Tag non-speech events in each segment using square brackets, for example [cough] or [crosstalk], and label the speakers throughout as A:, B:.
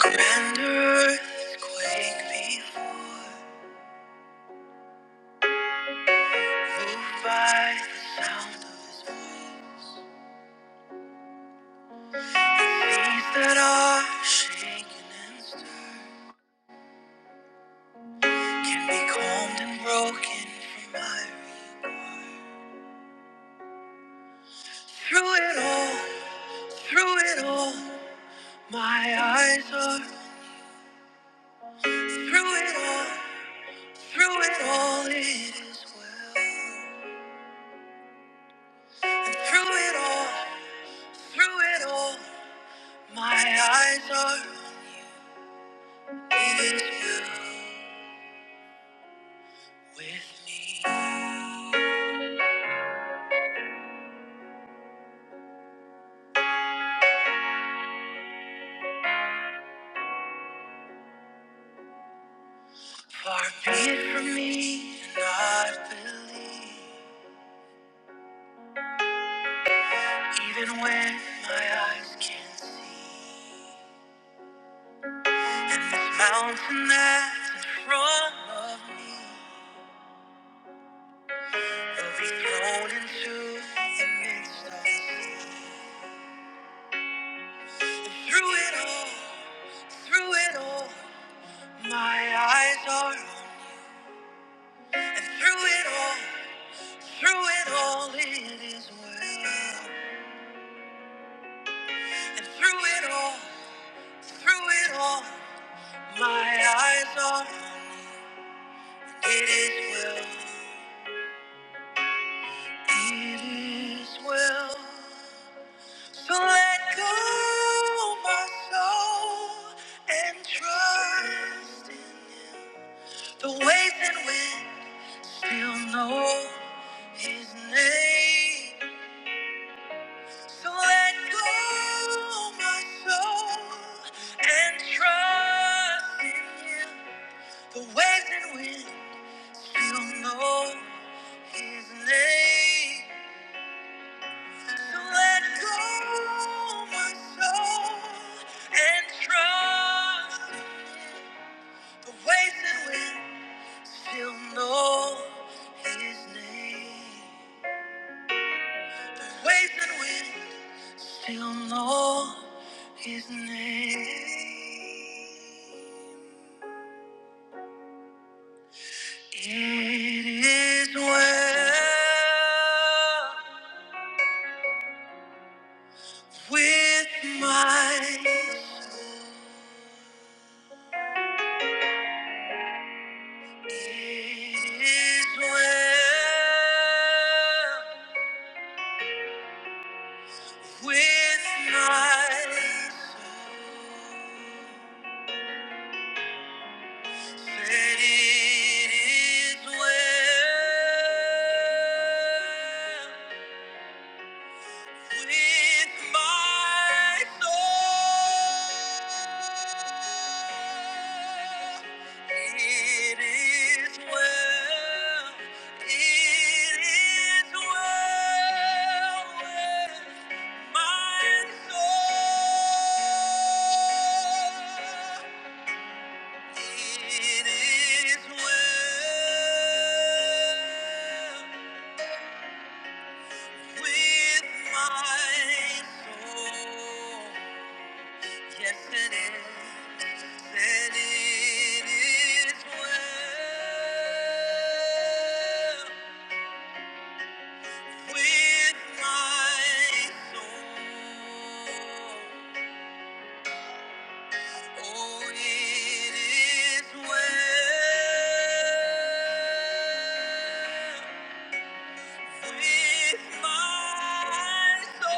A: Grand quake before, moved by the sound of his voice. Seas that are shaken and stirred can be calmed and broken from my reach. Through it all, through it all, my eyes are through it all, through it all, it is well. And through it all, through it all, my eyes are, it is well. with me. Far be it from me to not believe, even when my eyes can't see. And this mountain that's in front of me will be thrown into the midst of the sea. And through it all, through it all, my eyes are on. And through it all, through it all, it is well. And through it all. Through it all, my eyes on it is well, it is well. So let go my soul and trust in Him. The ways and winds still know His name. So let go my soul and trust in Him. The waves and winds still know. His name. So let go, my soul, and trust the ways in which still know His name. The ways in which still know His name. It is well with my Is well with my soul. Said it is well. with my soul. It is well, it is well with my soul. It is well with my soul. Yes, it is. Said it is well with my soul. Oh, it is well. With my soul,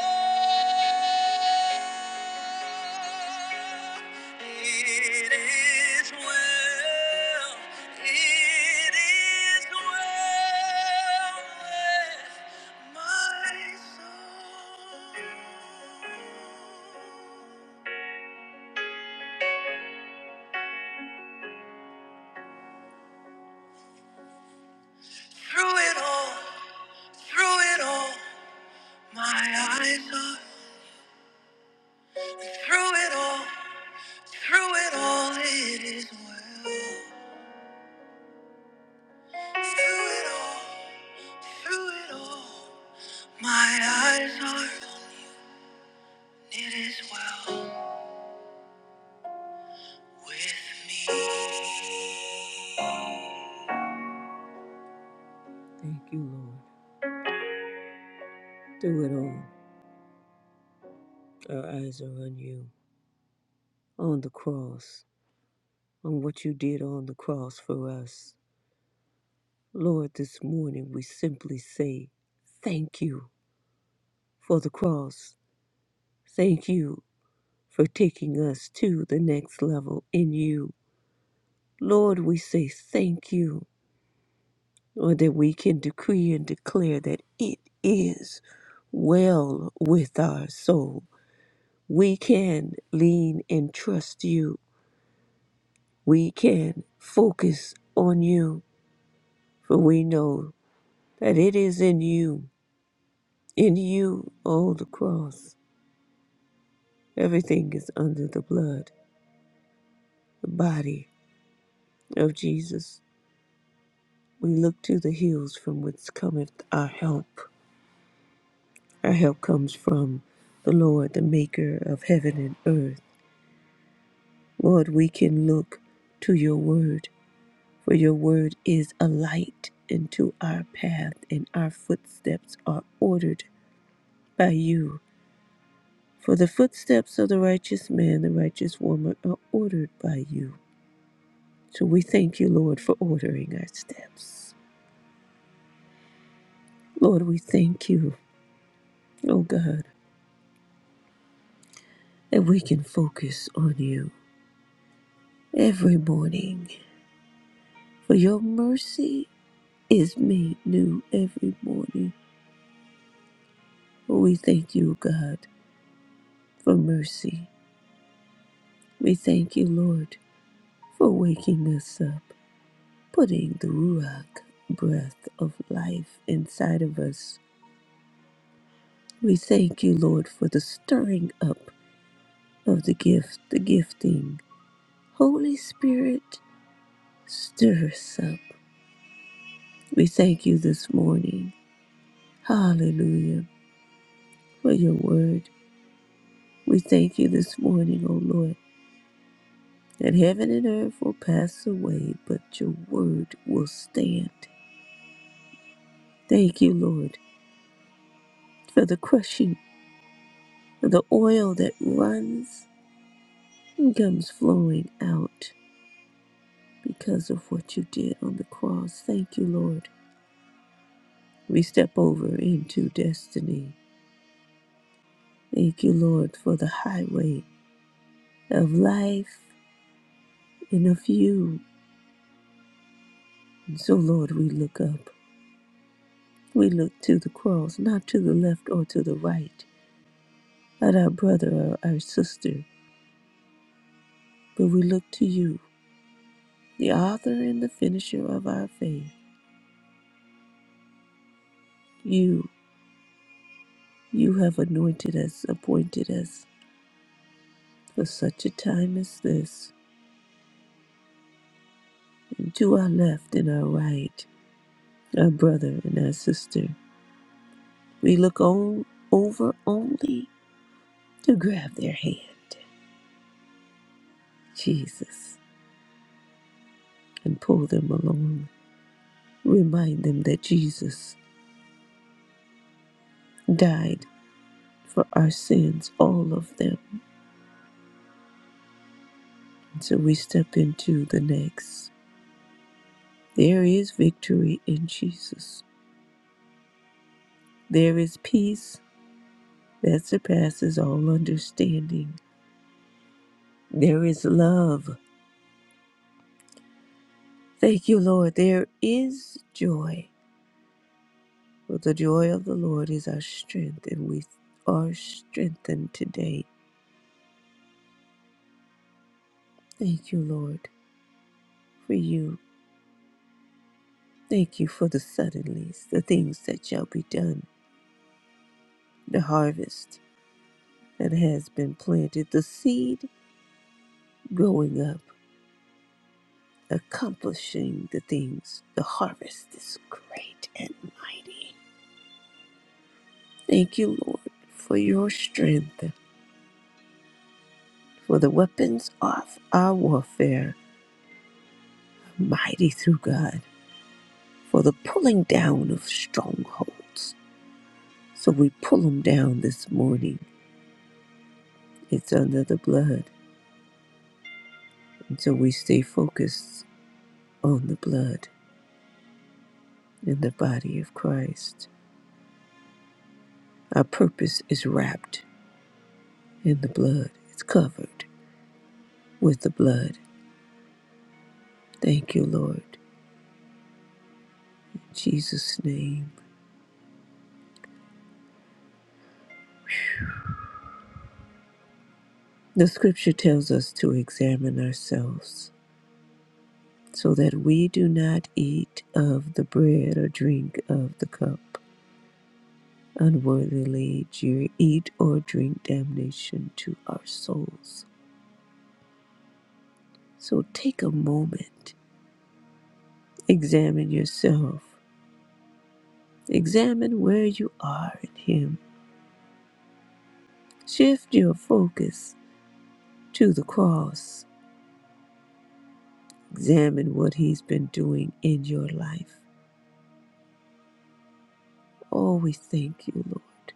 A: it is well, it is well with my soul. Through it all, through it all, my eyes are through it all, through it all, it is well. Through it all, through it all, my eyes are on it is well with me. Thank you, Lord. Through it all, our eyes are on you, on the cross, on what you did on the cross for us. Lord, this morning we simply say thank you for the cross. Thank you for taking us to the next level in you. Lord, we say thank you or that we can decree and declare that it is well with our soul. We can lean and trust you. We can focus on you, for we know that it is in you, in you, oh, the cross. Everything is under the blood, the body of Jesus. We look to the hills from whence cometh our help. Our help comes from the Lord, the maker of heaven and earth. Lord, we can look to your word, for your word is a light into our path, and our footsteps are ordered by you. For the footsteps of the righteous man, the righteous woman are ordered by you. So we thank you, Lord, for ordering our steps. Lord, we thank you, oh God, that we can focus on you every morning, for your mercy is made new every morning. We thank you, God for mercy. We thank you, Lord, for waking us up, putting the Ruach breath of life inside of us. We thank you, Lord, for the stirring up of the gift, the gifting. Holy Spirit, stir us up. We thank you this morning. Hallelujah for your word. We thank you this morning, O Lord, that heaven and earth will pass away, but your word will stand. Thank you, Lord. for the crushing, the oil that runs and comes flowing out because of what you did on the cross. Thank you, Lord. We step over into destiny. Thank you, Lord, for the highway of life and of you. And so, Lord, we look up. We look to the cross, not to the left or to the right, at our brother or our sister, but we look to you, the author and the finisher of our faith. You You have anointed us, appointed us for such a time as this. And to our left and our right, our brother and our sister, we look on over only to grab their hand, Jesus, and pull them along. Remind them that Jesus died for our sins, all of them. And so we step into the next. There is victory in Jesus. There is peace that surpasses all understanding There is love. Thank you, Lord. There is joy. For the joy of the Lord is our strength, and we are strengthened today. Thank you, Lord, for you. Thank you for the suddenlies, the things that shall be done, the harvest that has been planted, the seed growing up, accomplishing the things. The harvest is great and mighty. Thank you, Lord, for your strength. For the weapons of our warfare are mighty through God for the pulling down of strongholds. So we pull them down this morning. It's under the blood. And so we stay focused on the blood in the body of Christ. Our purpose is wrapped in the blood, it's covered with the blood. Thank you, Lord. In Jesus' name. The scripture tells us to examine ourselves so that we do not eat of the bread or drink of the cup unworthily, jeer, eat or drink damnation to our souls. So take a moment, examine yourself, examine where you are in Him, shift your focus to the cross, examine what He's been doing in your life. Oh, we thank you, Lord,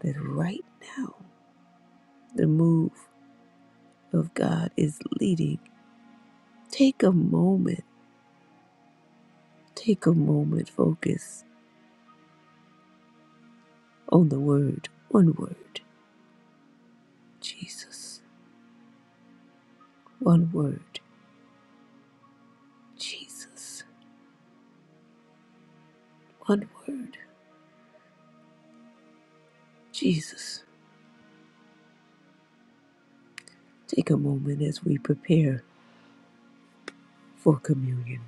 A: that right now the move of God is leading Take a moment, take a moment, focus on the word, one word, Jesus, one word, Jesus, one word, Jesus. Take a moment as we prepare for communion.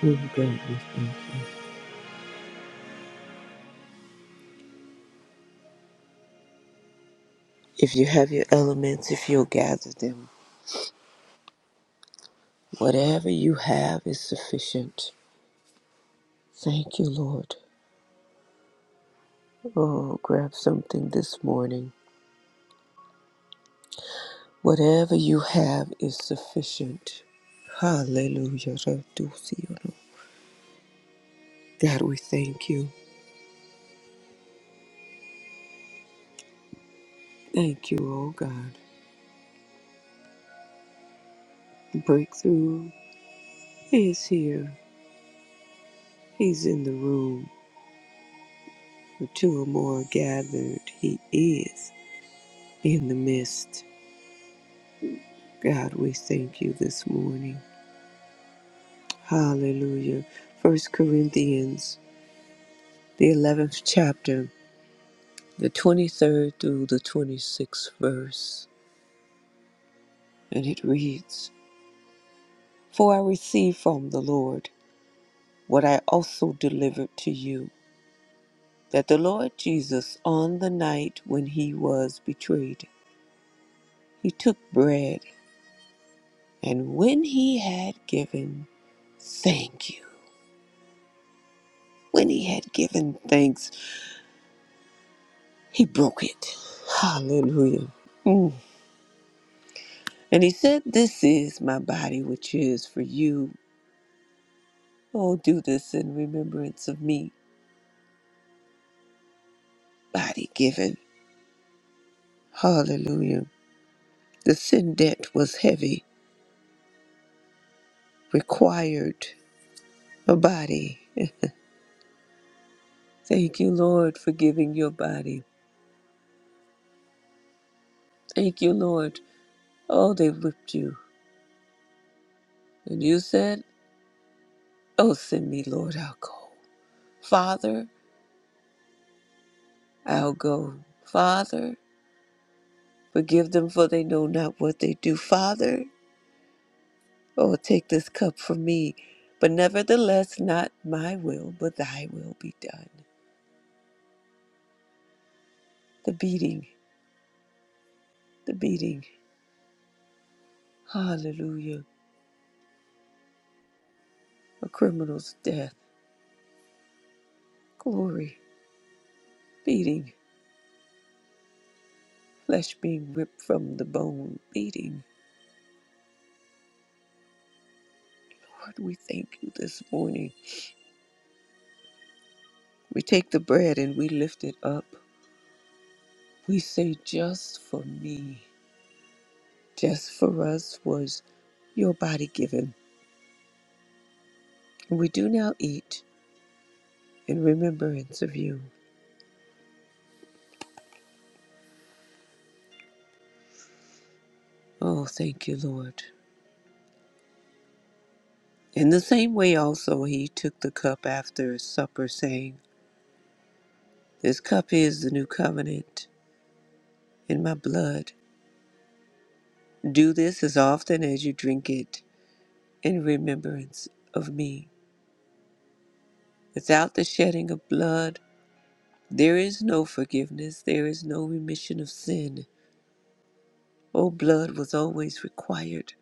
A: Lord God, we thank you. If you have your elements, if you'll gather them, whatever you have is sufficient. Thank you, Lord. Oh, grab something this morning Whatever you have is sufficient. Hallelujah. Raduciano. God, we thank you. Thank you, oh God. Breakthrough is here. He's in the room. The two or more are gathered. He is in the midst. God, we thank you this morning. Hallelujah. First Corinthians, the 11th chapter, the 23rd through the 26th verse. And it reads, For I received from the Lord what I also delivered to you that the Lord Jesus, on the night when he was betrayed, he took bread, and when he had given thank you, when he had given thanks, he broke it. Hallelujah. Mm. And he said, This is my body, which is for you. Oh, do this in remembrance of me, body given. Hallelujah. The sin debt was heavy required a body. Thank you, Lord, for giving your body. Thank you, Lord. Oh, they whipped you. And you said, Oh, send me, Lord, I'll go. Father, I'll go. Father, forgive them, for they know not what they do. Father, oh, take this cup from me. But nevertheless, not my will, but thy will be done. The beating, the beating. Hallelujah. A criminal's death. Glory. Beating. flesh being ripped from the bone beating. Lord, we thank you this morning. We take the bread and we lift it up. We say, just for me, just for us was your body given. We do now eat in remembrance of you. Oh, thank you, Lord. In the same way, also, he took the cup after supper, saying, This cup is the new covenant in my blood. Do this as often as you drink it in remembrance of me. Without the shedding of blood, there is no forgiveness, there is no remission of sin. Oh, blood was always required.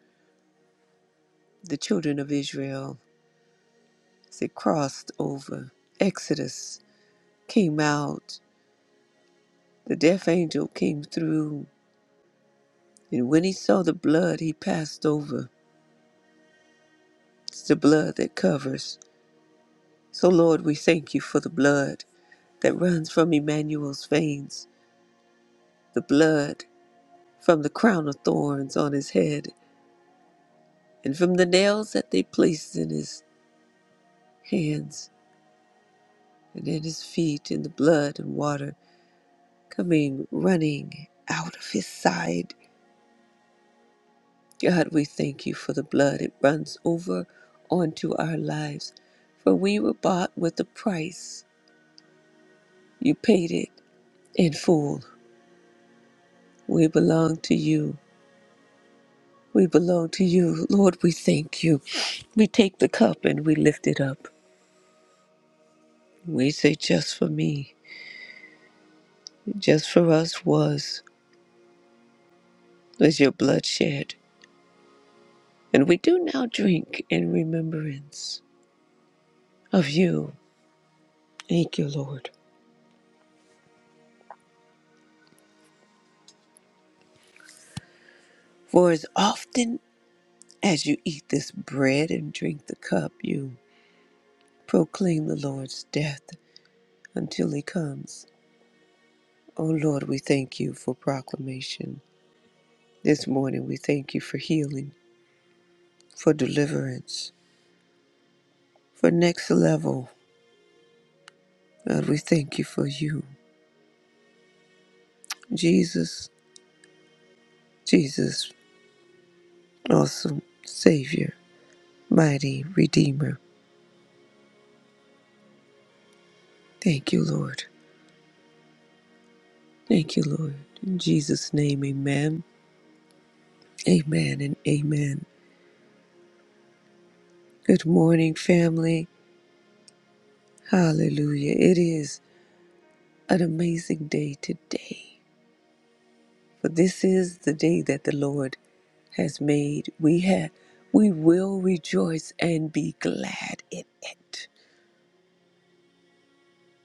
A: The children of Israel, as they crossed over, Exodus came out, the death angel came through, and when he saw the blood, he passed over. It's the blood that covers. So, Lord, we thank you for the blood that runs from Emmanuel's veins, the blood from the crown of thorns on his head and from the nails that they placed in his hands and in his feet, in the blood and water coming running out of his side. God, we thank you for the blood. It runs over onto our lives. For we were bought with a price. You paid it in full. We belong to you. We belong to you. Lord, we thank you. We take the cup and we lift it up. We say, just for me, just for us was, was your blood shed. And we do now drink in remembrance of you. Thank you, Lord. For as often as you eat this bread and drink the cup, you proclaim the Lord's death until he comes. O Lord, we thank you for proclamation. This morning, we thank you for healing, for deliverance, for next level. God, we thank you for you. Jesus, Jesus, awesome Savior, mighty Redeemer. Thank you, Lord. Thank you, Lord. In Jesus' name, amen. Amen and amen. Good morning, family. Hallelujah. It is an amazing day today. For this is the day that the Lord has made. We have we will rejoice and be glad in it.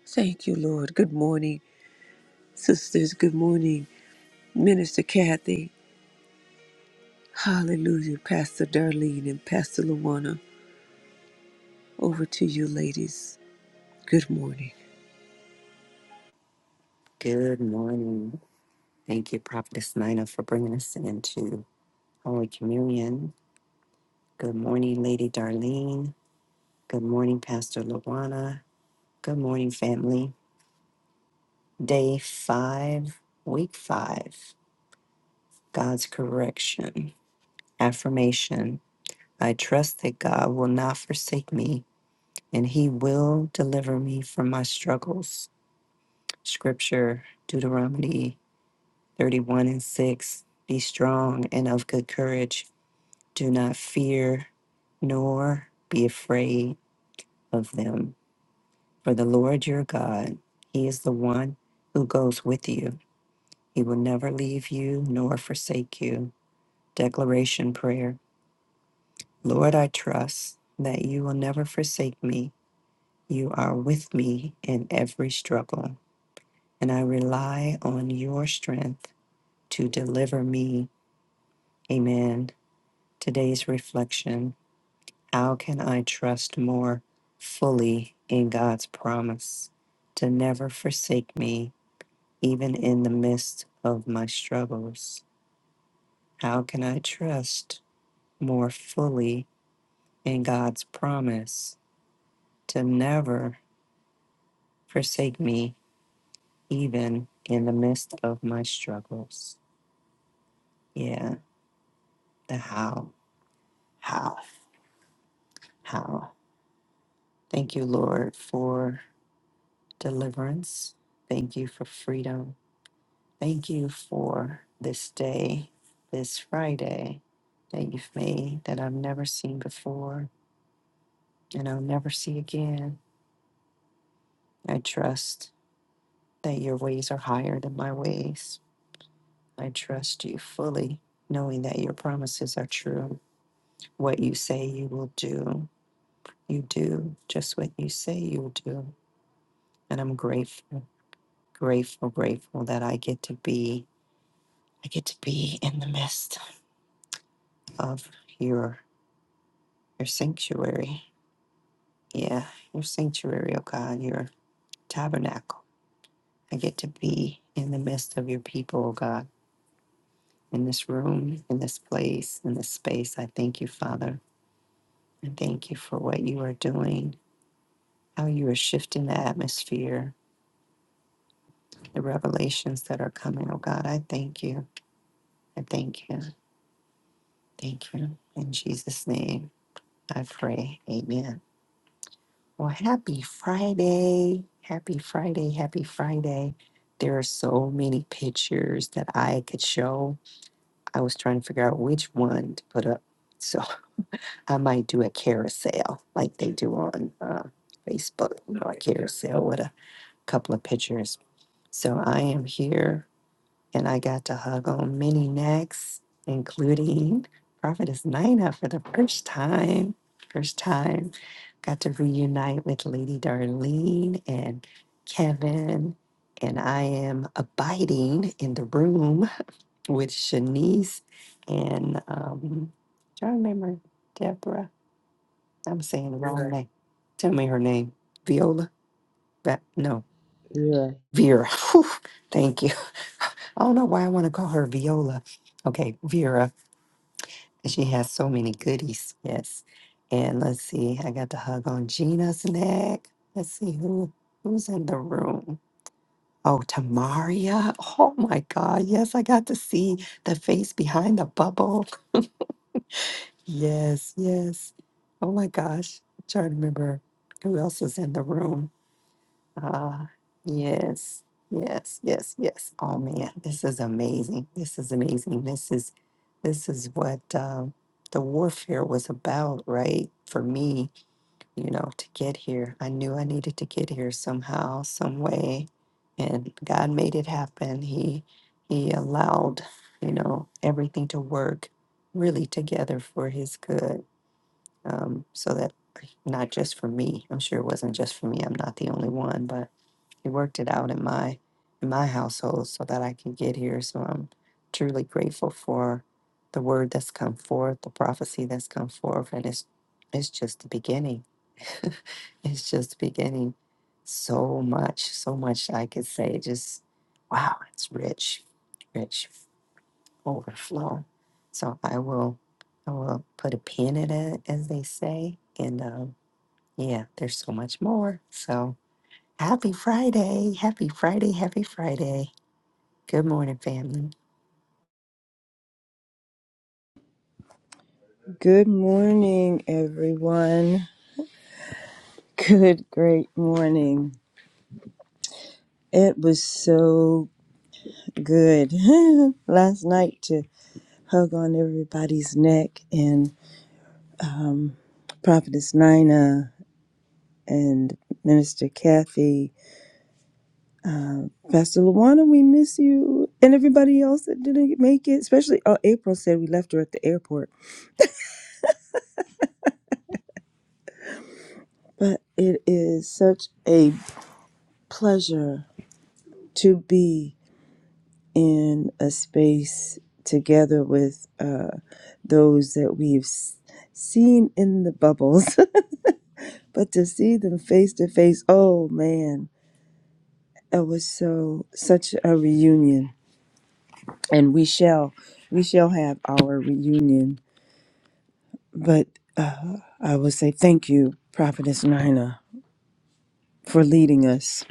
A: Thank you, Lord. Good morning, sisters. Good morning, Minister Kathy. Hallelujah, Pastor Darlene and Pastor Luana. Over to you, ladies. Good morning.
B: Good morning. Thank you, Prophetess Nina, for bringing us into Holy Communion. Good morning, Lady Darlene. Good morning, Pastor Luana. Good morning, family. Day five, week five, God's correction. Affirmation I trust that God will not forsake me and he will deliver me from my struggles. Scripture, Deuteronomy 31 and 6. Be strong and of good courage. Do not fear nor be afraid of them. For the Lord your God, He is the one who goes with you. He will never leave you nor forsake you. Declaration Prayer Lord, I trust that you will never forsake me. You are with me in every struggle, and I rely on your strength to deliver me. Amen. Today's reflection How can I trust more fully in God's promise to never forsake me, even in the midst of my struggles? How can I trust more fully in God's promise to never forsake me, even in the midst of my struggles? Yeah, the how, how, how. Thank you, Lord, for deliverance. Thank you for freedom. Thank you for this day, this Friday that you've made that I've never seen before and I'll never see again. I trust that your ways are higher than my ways. I trust you fully, knowing that your promises are true. What you say you will do, you do just what you say you'll do. And I'm grateful, grateful, grateful that I get to be I get to be in the midst of your your sanctuary Yeah, your sanctuary, oh God, your tabernacle. I get to be in the midst of your people, oh God, in this room, in this place, in this space. I thank you, Father. I thank you for what you are doing, how you are shifting the atmosphere, the revelations that are coming, oh God. I thank you. I thank you. Thank you. In Jesus' name, I pray. Amen. Well, happy Friday. Happy Friday. Happy Friday. There are so many pictures that I could show. I was trying to figure out which one to put up. So I might do a carousel like they do on uh, Facebook, you know, a carousel with a couple of pictures. So I am here. And I got to hug on many necks, including Prophetess Nina for the first time. First time. Got to reunite with Lady Darlene and Kevin. And I am abiding in the room with Shanice and um do I remember Deborah? I'm saying the wrong Vera. name. Tell me her name. Viola? That, no.
C: Yeah.
B: Vera. [laughs] Whew. Thank you. I don't know why I want to call her Viola. Okay, Vera. and She has so many goodies. Yes. And let's see. I got the hug on Gina's neck. Let's see who who's in the room. Oh, Tamaria. Oh my God. Yes, I got to see the face behind the bubble. Yes, yes. Oh my gosh. I'm trying to remember who else was in the room. Ah, yes, yes, yes, yes. Oh man, this is amazing. This is amazing. This is this is what um, the warfare was about, right? For me, you know, to get here, I knew I needed to get here somehow, some way, and God made it happen. He He allowed, you know, everything to work really together for His good, um, so that not just for me. I'm sure it wasn't just for me. I'm not the only one, but he worked it out in my in my household so that I can get here. So I'm truly grateful for the word that's come forth, the prophecy that's come forth, and it's it's just the beginning. [laughs] it's just the beginning. So much, so much I could say. Just wow, it's rich, rich overflow. So I will, I will put a pin in it, as they say, and um, yeah, there's so much more. So. Happy Friday. Happy Friday. Happy Friday. Good morning, family.
C: Good morning, everyone. Good, great morning. It was so good [laughs] last night to hug on everybody's neck and Prophetess Nina and Minister Kathy, Pastor Luana, we miss you, and everybody else that didn't make it, especially oh, April said we left her at the airport. But it is such a pleasure to be in a space together with uh, those that we've s- seen in the bubbles, [laughs] but to see them face to face, oh man, it was so such a reunion, and we shall we shall have our reunion. But uh, I will say thank you, Prophetess Nina, for leading us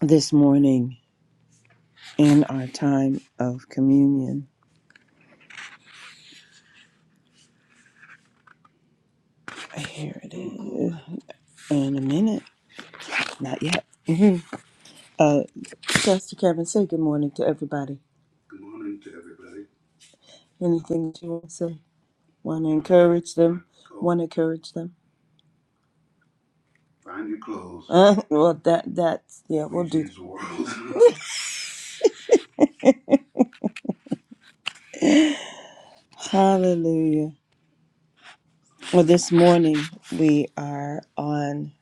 C: this morning in our time of communion. Here it is. In a minute, not yet. Mhm. Uh, Pastor Kevin, say good morning to everybody. Anything that you want to say? Want to encourage them? Want to encourage them? Find your clothes. Uh, well, that that's yeah. We'll do. Please the world. [laughs] Hallelujah. Well, this morning we are on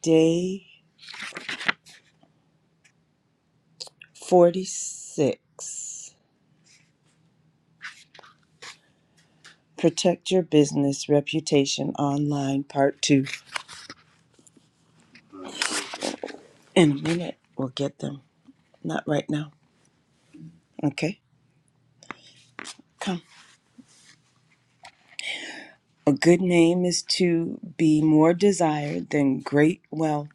C: day forty-six. Protect your business reputation online, part two. In a minute, we'll get them. Not right now. Okay. Come. A good name is to be more desired than great wealth.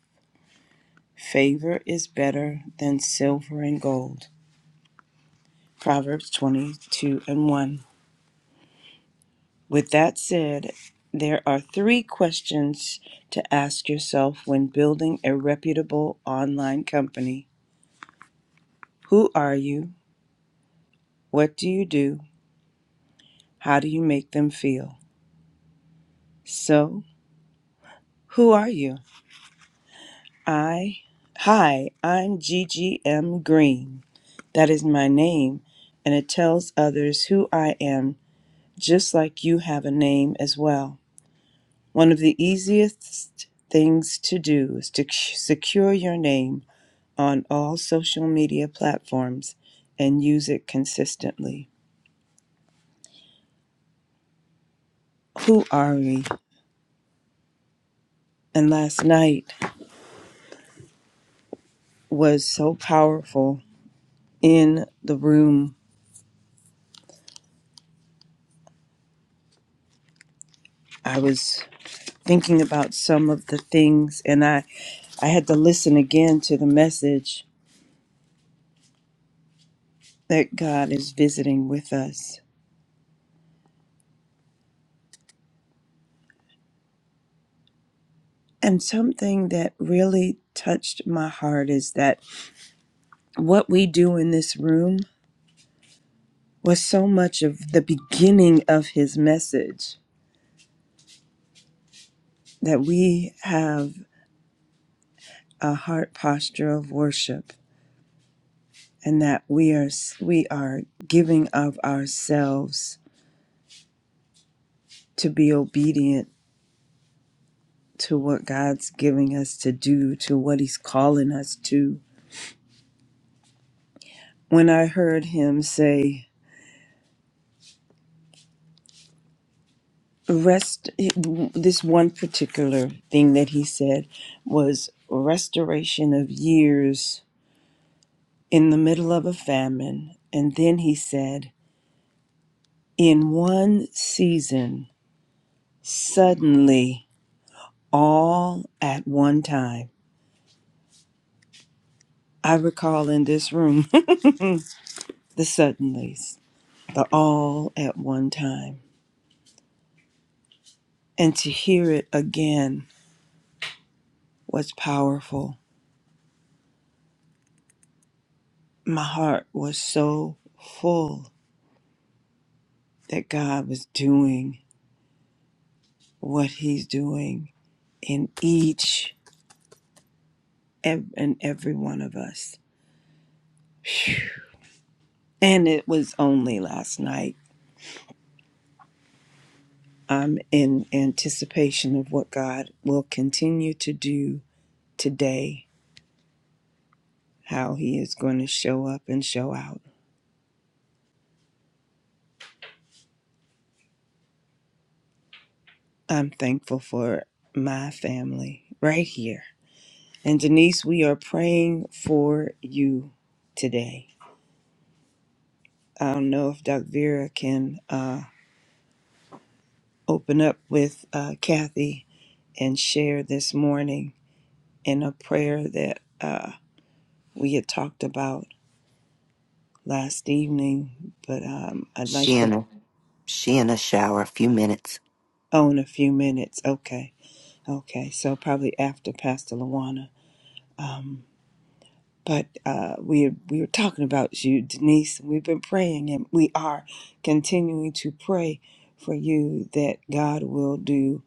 C: Favor is better than silver and gold. Proverbs 22 and 1. With that said, there are three questions to ask yourself when building a reputable online company Who are you? What do you do? How do you make them feel? So, who are you? I, hi, I'm GGM Green. That is my name, and it tells others who I am, just like you have a name as well. One of the easiest things to do is to c- secure your name on all social media platforms and use it consistently. Who are we? And last night was so powerful in the room. I was thinking about some of the things, and I I had to listen again to the message that God is visiting with us. And something that really touched my heart is that what we do in this room was so much of the beginning of his message that we have a heart posture of worship and that we are we are giving of ourselves to be obedient to what God's giving us to do to what he's calling us to when I heard him say, rest, this one particular thing that he said was restoration of years in the middle of a famine. And then he said, in one season, suddenly, all at one time. I recall in this room [laughs] the suddenlies, the all at one time. And to hear it again was powerful. My heart was so full that God was doing what He's doing in each ev- and every one of us. Phew. And it was only last night. I'm in anticipation of what God will continue to do today, how He is going to show up and show out. I'm thankful for my family right here. And Denise, we are praying for you today. I don't know if Doc Vera can. uh, open up with uh, Kathy and share this morning in a prayer that uh, we had talked about last evening, but um, I'd like
B: She
C: to
B: in a she in a shower, a few minutes.
C: own a few minutes. Okay, okay, so probably after Pastor Luana. Um, but uh, we we were talking about you, Denise. and We've been praying, and we are continuing to pray for you that God will do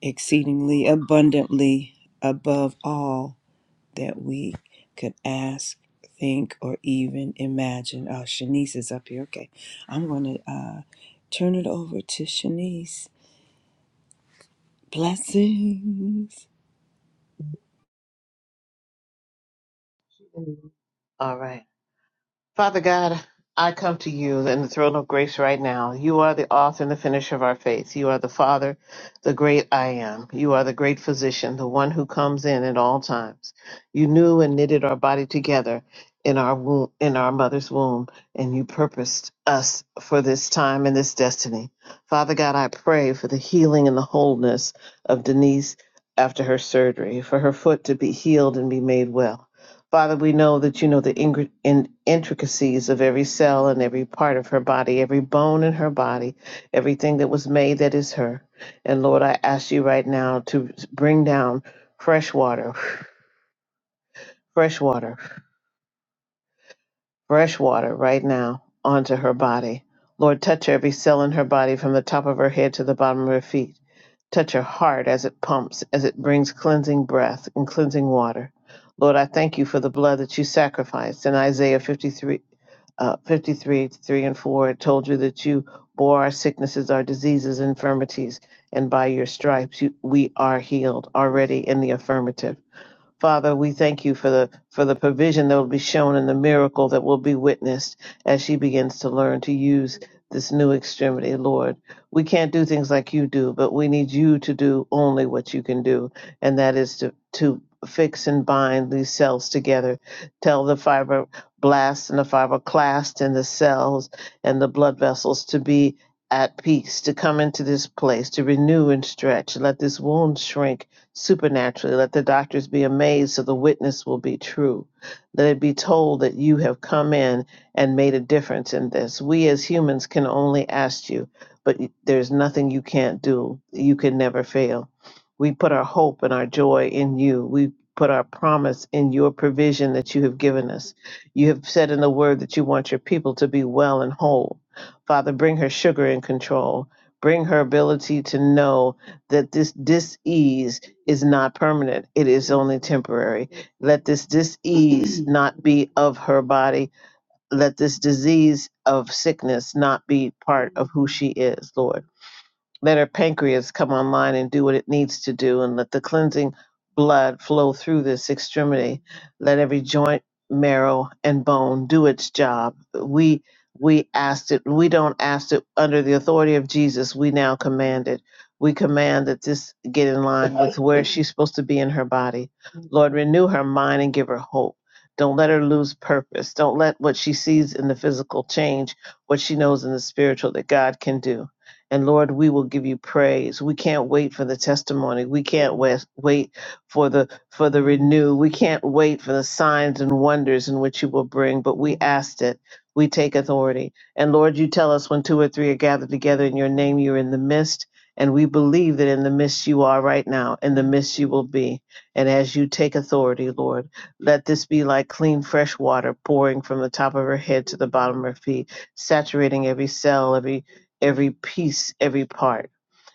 C: exceedingly abundantly above all that we could ask, think, or even imagine. Oh, Shanice is up here. Okay. I'm going to uh, turn it over to Shanice. Blessings.
D: Amen. All right. Father God, I come to you in the throne of grace right now. You are the author and the finisher of our faith. You are the Father, the great I am. You are the great physician, the one who comes in at all times. You knew and knitted our body together in our womb, in our mother's womb, and you purposed us for this time and this destiny. Father God, I pray for the healing and the wholeness of Denise after her surgery, for her foot to be healed and be made well Father, we know that you know the ingri- in- intricacies of every cell and every part of her body, every bone in her body, everything that was made that is her. And Lord, I ask you right now to bring down fresh water, [sighs] fresh water, fresh water right now onto her body. Lord, touch every cell in her body from the top of her head to the bottom of her feet. Touch her heart as it pumps, as it brings cleansing breath and cleansing water. Lord, I thank you for the blood that you sacrificed. In Isaiah 53, uh, 53 3 and 4, it told you that you bore our sicknesses, our diseases, infirmities, and by your stripes you, we are healed already in the affirmative. Father, we thank you for the for the provision that will be shown and the miracle that will be witnessed as she begins to learn to use this new extremity, Lord. We can't do things like you do, but we need you to do only what you can do, and that is to to fix and bind these cells together. Tell the fibroblasts and the fibroclast and the cells and the blood vessels to be at peace, to come into this place, to renew and stretch. Let this wound shrink supernaturally. Let the doctors be amazed so the witness will be true. Let it be told that you have come in and made a difference in this. We as humans can only ask you, but there's nothing you can't do. You can never fail. We put our hope and our joy in you. We put our promise in your provision that you have given us. You have said in the word that you want your people to be well and whole. Father, bring her sugar in control. Bring her ability to know that this disease is not permanent, it is only temporary. Let this disease not be of her body. Let this disease of sickness not be part of who she is, Lord let her pancreas come online and do what it needs to do and let the cleansing blood flow through this extremity let every joint marrow and bone do its job we we asked it we don't ask it under the authority of jesus we now command it we command that this get in line with where she's supposed to be in her body lord renew her mind and give her hope don't let her lose purpose don't let what she sees in the physical change what she knows in the spiritual that god can do and Lord, we will give you praise. We can't wait for the testimony. We can't wait, wait for the for the renew. We can't wait for the signs and wonders in which you will bring. But we asked it. We take authority. And Lord, you tell us when two or three are gathered together in your name, you're in the midst. And we believe that in the midst you are right now, in the midst you will be. And as you take authority, Lord, let this be like clean, fresh water pouring from the top of her head to the bottom of her feet, saturating every cell, every every piece, every part.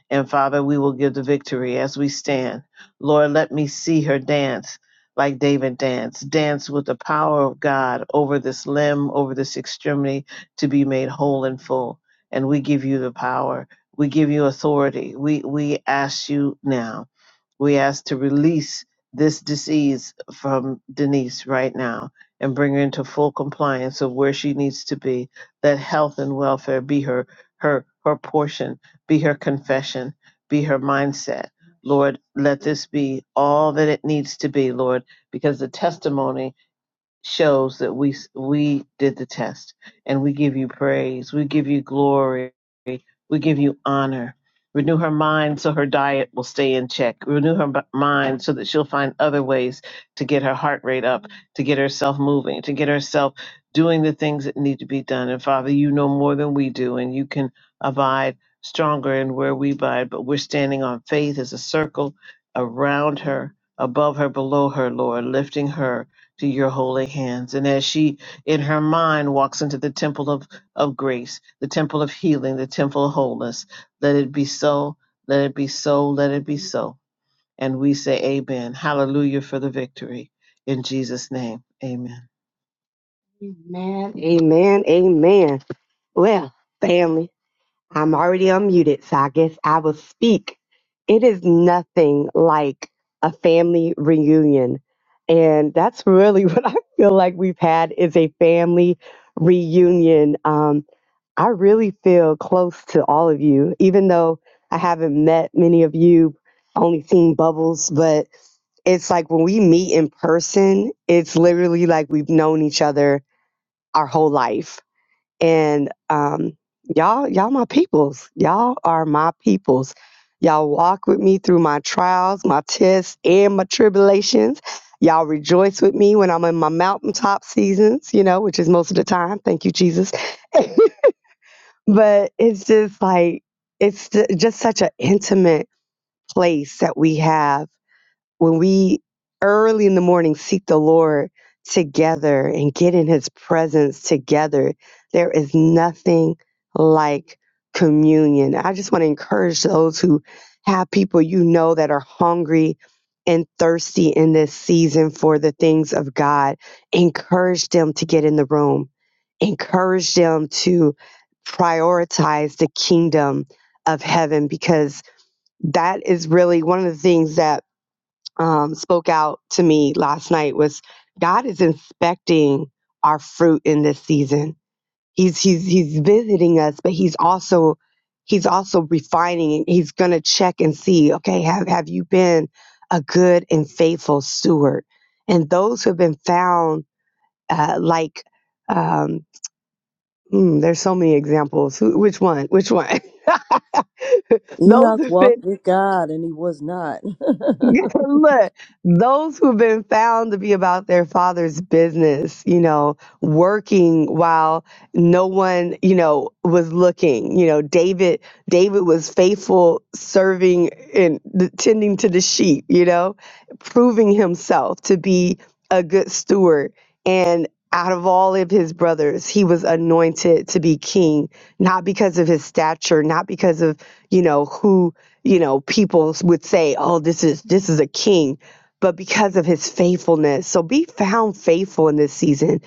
D: And Father, we will give the victory as we stand. Lord, let me see her dance like David danced, dance with the power of God over this limb, over this extremity to be made whole and full. And we give you the power. We give you authority. We we ask you now. We ask to release this disease from Denise right now and bring her into full compliance of where she needs to be. That health and welfare be her her her portion, be her confession, be her mindset. Lord, let this be all that it needs to be, Lord, because the testimony shows that we we did the test and we give you praise we give you glory we give you honor renew her mind so her diet will stay in check renew her b- mind so that she'll find other ways to get her heart rate up to get herself moving to get herself doing the things that need to be done and father you know more than we do and you can abide stronger in where we abide but we're standing on faith as a circle around her above her below her lord lifting her to your holy hands. And as she, in her mind, walks into the temple of, of grace, the temple of healing, the temple of wholeness, let it be so, let it be so, let it be so. And we say, Amen. Hallelujah for the victory. In Jesus' name, amen. Amen. Amen. Amen. Well, family. I'm already unmuted, so I guess I will speak. It is nothing like a family reunion. And that's really [laughs] what I feel like we've had is a family reunion. Um, I really feel close to all of you, even though I haven't met many of you, only seen bubbles, but it's like when we meet in person, it's literally like we've known each other our whole life and um, y'all y'all my peoples y'all are my peoples y'all walk with me through my trials my tests and my tribulations y'all rejoice with me when i'm in my mountaintop seasons you know which is most of the time thank you jesus [laughs] but it's just like it's ju- just such an intimate place that we have when we early in the morning seek the Lord together and get in his presence together, there is nothing like communion. I just want to encourage those who have people you know that are hungry and thirsty in this season for the things of God. Encourage them to get in the room, encourage them to prioritize the kingdom of heaven because that is really one of the things that um, spoke out to me last night was God is inspecting our fruit in this season. He's he's he's visiting us, but he's also he's also refining. He's gonna check and see. Okay, have have you been a good and faithful steward? And those who have been found uh, like um, mm, there's so many examples. Who, which one? Which one? [laughs] those
C: Enoch
D: who've been
C: walked with God and he was not. [laughs]
D: [laughs] Look, those who've been found to be about their father's business, you know, working while no one, you know, was looking. You know, David, David was faithful, serving and th- tending to the sheep. You know, proving himself to be a good steward. And out of all of his brothers, he was anointed to be king not because of his stature, not because of, you know, who, you know, people would say, "Oh, this is this is a king," but because of his faithfulness. So be found faithful in this season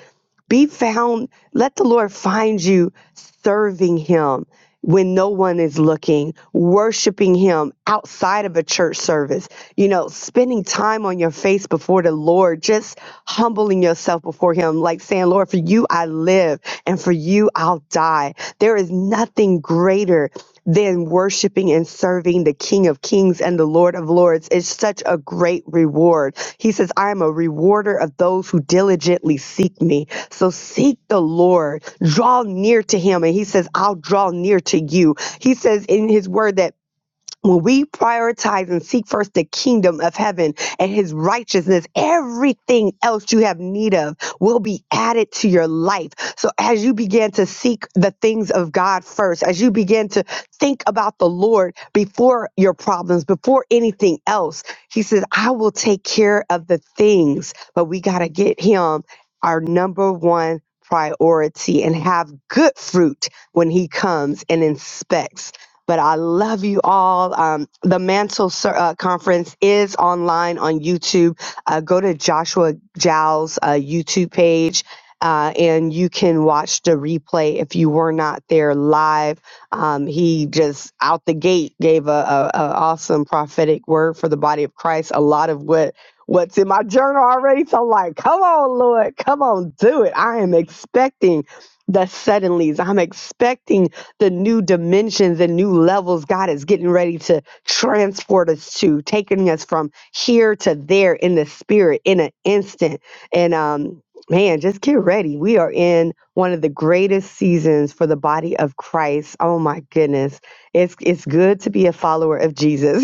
D: be found let the lord find you serving him when no one is looking worshiping him outside of a church service you know spending time on your face before the lord just humbling yourself before him like saying lord for you i live and for you i'll die there is nothing greater than worshiping and serving the King of Kings and the Lord of Lords. It's such a great reward. He says, I am a rewarder of those who diligently seek me. So seek the Lord, draw near to him. And he says, I'll draw near to you. He says in his word that when we prioritize and seek first the kingdom of heaven and his righteousness, everything else you have need of will be added to your life. So as you begin to seek the things of God first, as you begin to think about the Lord before your problems, before anything else, he says, I will take care of the things, but we got to get him our number one priority and have good fruit when he comes and inspects but I love you all. Um, the Mantle uh, Conference is online on YouTube. Uh, go to Joshua Jowl's uh, YouTube page. Uh, and you can watch the replay if you were not there live. Um, he just out the gate gave a, a, a awesome prophetic word for the body of Christ. A lot of what what's in my journal already. So I'm like, come on, Lord, come on, do it. I am expecting the suddenlies. I'm expecting the new dimensions and new levels God is getting ready to transport us to, taking us from here to there in the spirit in an instant. And um, man, just get ready. We are in one of the greatest seasons for the body of Christ. Oh my goodness. It's it's good to be a follower of Jesus. [laughs]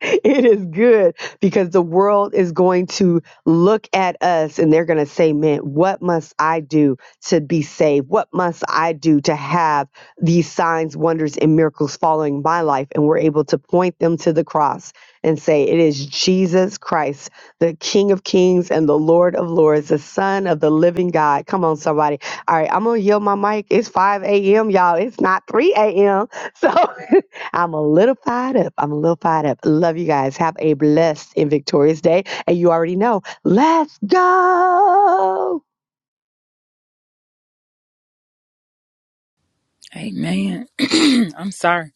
D: it is good because the world is going to look at us and they're going to say, Man, what must I do to be saved? What must I do to have these signs, wonders, and miracles following my life? And we're able to point them to the cross and say, It is Jesus Christ, the King of Kings and the Lord of Lords, the Son of the living God. Come on, somebody. All right, I'm going to yield my mic. It's 5 a.m., y'all. It's not 3 a.m. So. [laughs] I'm a little fired up. I'm a little fired up. Love you guys. Have a blessed and victorious day. And you already know, let's go.
E: Amen. [clears throat] I'm sorry.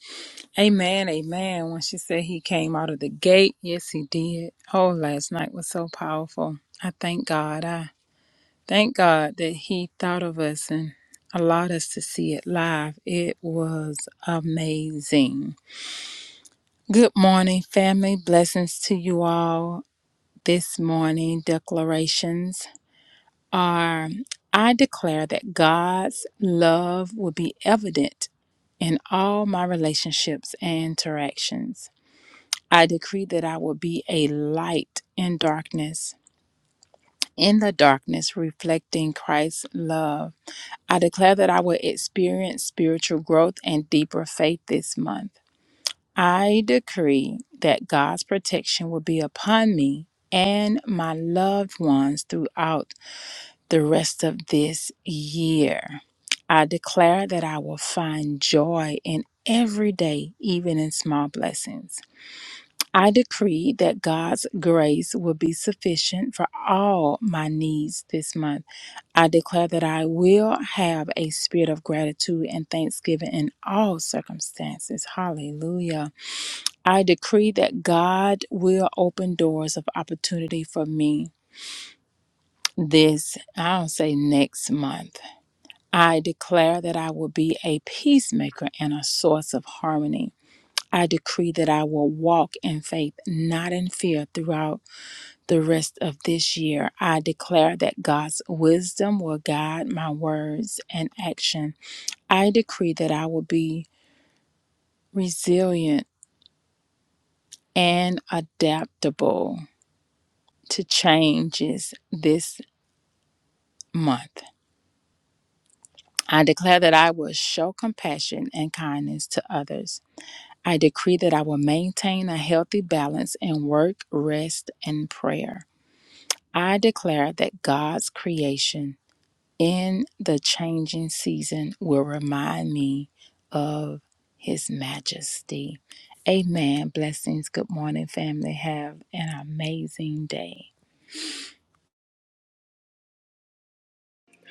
E: Amen. Amen. When she said he came out of the gate, yes, he did. Oh, last night was so powerful. I thank God. I thank God that he thought of us and allowed us to see it live. It was amazing. Good morning, family. Blessings to you all this morning. Declarations are I declare that God's love will be evident in all my relationships and interactions. I decree that I will be a light in darkness, in the darkness reflecting Christ's love. I declare that I will experience spiritual growth and deeper faith this month. I decree that God's protection will be upon me and my loved ones throughout the rest of this year. I declare that I will find joy in every day, even in small blessings. I decree that God's grace will be sufficient for all my needs this month. I declare that I will have a spirit of gratitude and thanksgiving in all circumstances. Hallelujah. I decree that God will open doors of opportunity for me this, I don't say next month. I declare that I will be a peacemaker and a source of harmony. I decree that I will walk in faith, not in fear, throughout the rest of this year. I declare that God's wisdom will guide my words and action. I decree that I will be resilient and adaptable to changes this month. I declare that I will show compassion and kindness to others. I decree that I will maintain a healthy balance in work, rest, and prayer. I declare that God's creation in the changing season will remind me of His majesty. Amen. Blessings. Good morning, family. Have an amazing day.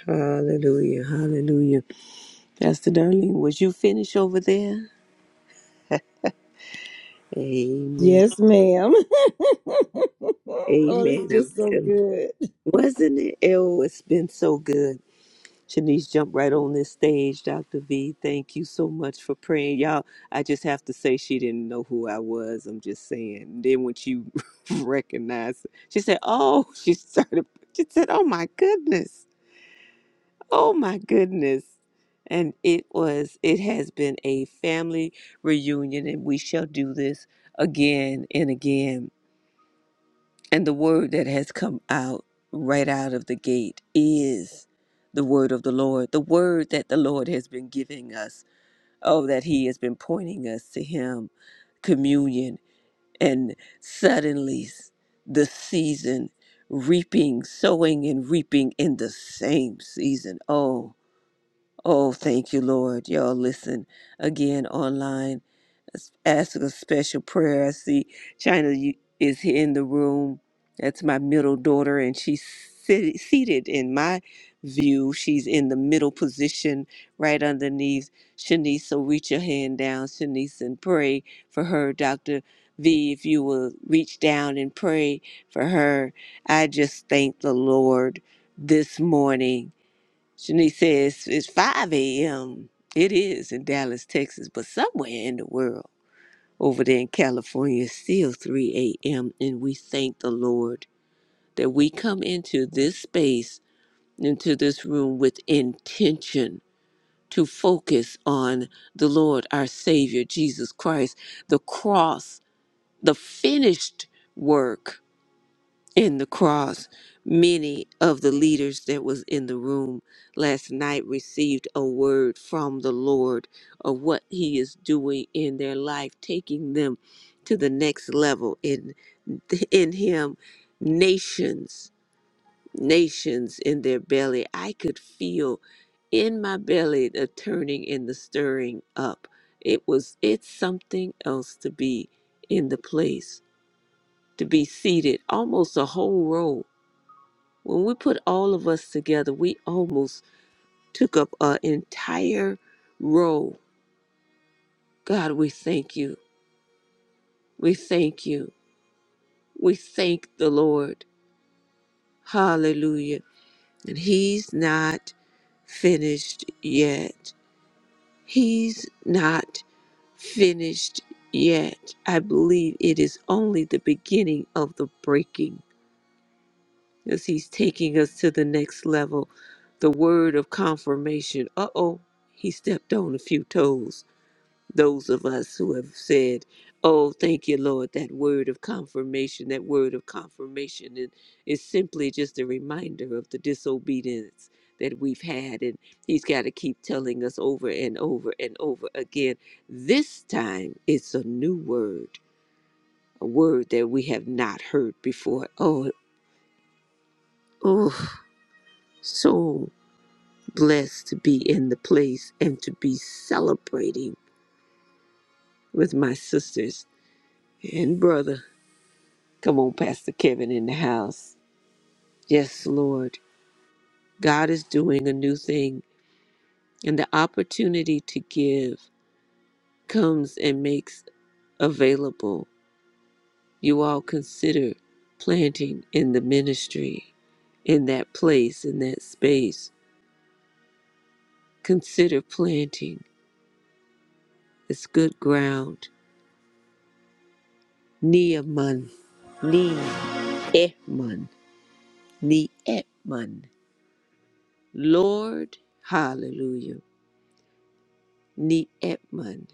A: Hallelujah. Hallelujah. Pastor Darlene, was you finished over there? Amen.
C: Yes, ma'am. [laughs] oh, it's
A: Amen. I'm
C: just so
A: telling you.
C: good.
A: Wasn't it? Oh, it's been so good. Shanice jumped right on this stage. Dr. V, thank you so much for praying. Y'all, I just have to say she didn't know who I was. I'm just saying. Then when she [laughs] recognized, she said, Oh, [laughs] she started, she said, Oh my goodness. Oh my goodness. And it was, it has been a family reunion, and we shall do this again and again. And the word that has come out right out of the gate is the word of the Lord, the word that the Lord has been giving us. Oh, that He has been pointing us to Him, communion. And suddenly, s- the season, reaping, sowing, and reaping in the same season. Oh, Oh, thank you, Lord. Y'all listen again online. Let's Ask a special prayer. I see China you- is here in the room. That's my middle daughter, and she's sit- seated in my view. She's in the middle position right underneath Shanice. So reach your hand down, Shanice, and pray for her. Dr. V, if you will reach down and pray for her. I just thank the Lord this morning Shanice says it's 5 a.m. It is in Dallas, Texas, but somewhere in the world over there in California, it's still 3 a.m. And we thank the Lord that we come into this space, into this room with intention to focus on the Lord, our Savior, Jesus Christ, the cross, the finished work in the cross many of the leaders that was in the room last night received a word from the lord of what he is doing in their life taking them to the next level in in him nations nations in their belly i could feel in my belly the turning and the stirring up it was it's something else to be in the place to be seated almost a whole row when we put all of us together, we almost took up an entire row. God, we thank you. We thank you. We thank the Lord. Hallelujah. And He's not finished yet. He's not finished yet. I believe it is only the beginning of the breaking as he's taking us to the next level. The word of confirmation. Uh oh, he stepped on a few toes. those of us who have said, Oh, thank you, Lord, that word of confirmation, that word of confirmation and is simply just a reminder of the disobedience that we've had. And He's got to keep telling us over and over and over again. This time it's a new word, a word that we have not heard before. Oh, oh, so blessed to be in the place and to be celebrating with my sisters and brother. Come on, Pastor Kevin in the house. Yes, Lord. God is doing a new thing, and the opportunity to give comes and makes available. You all consider planting in the ministry, in that place, in that space. Consider planting. It's good ground. Neaman. Ne'eman. Ne'eman. Lord, hallelujah. Ne'eman.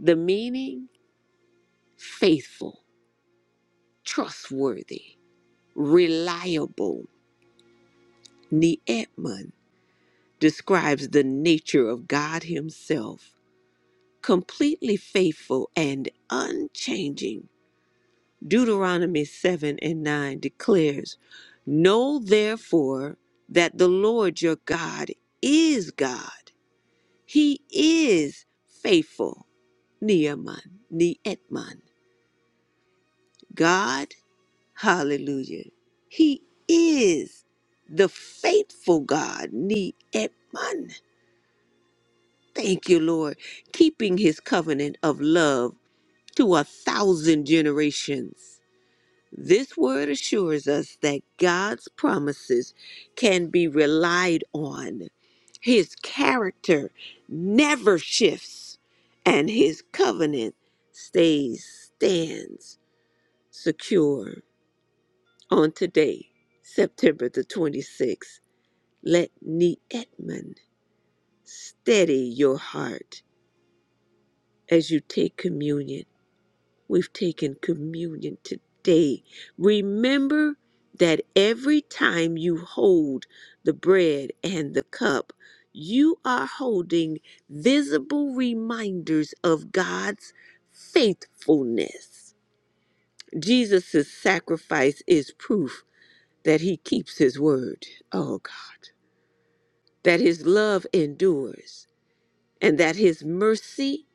A: The meaning faithful, trustworthy, reliable. Neetman describes the nature of God Himself, completely faithful and unchanging. Deuteronomy 7 and 9 declares, Know therefore that the Lord your God is God. He is faithful. Neeman, Neetman. God Hallelujah. He is the faithful God, ni etman. Thank you, Lord, keeping his covenant of love to a thousand generations. This word assures us that God's promises can be relied on. His character never shifts, and his covenant stays, stands secure. On today, September the 26th, let Nee Edmond steady your heart as you take communion. We've taken communion today. Remember that every time you hold the bread and the cup, you are holding visible reminders of God's faithfulness. Jesus' sacrifice is proof that he keeps his word. Oh, God. that his love endures and that his mercy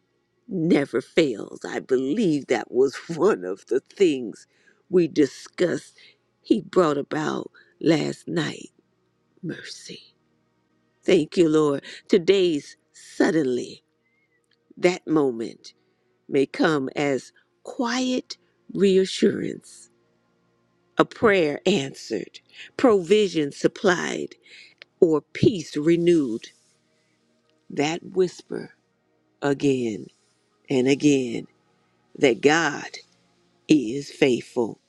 A: never fails. I believe that was [laughs] one of the things we discussed he brought about last night mercy. Thank you, Lord. Today's suddenly, that moment may come as quiet reassurance, a prayer answered, provision supplied, or peace renewed. That whisper again. and again that God is faithful.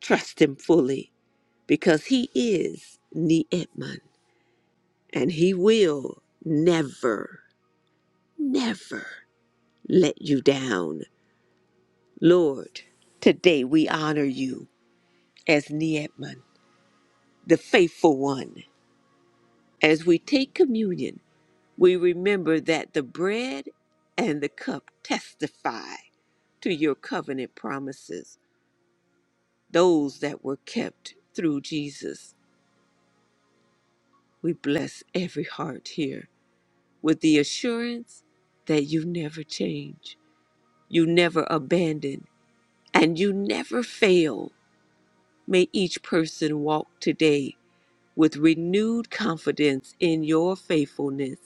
A: Trust Him fully because He is Ni'etman and He will never, never let you down. Lord, today we honor you as Ni'etman, the faithful one. As we take communion, we remember that the bread and the cup testify to your covenant promises, those that were kept through Jesus. We bless every heart here with the assurance that you never change, you never abandon, and you never fail. May each person walk today with renewed confidence in your faithfulness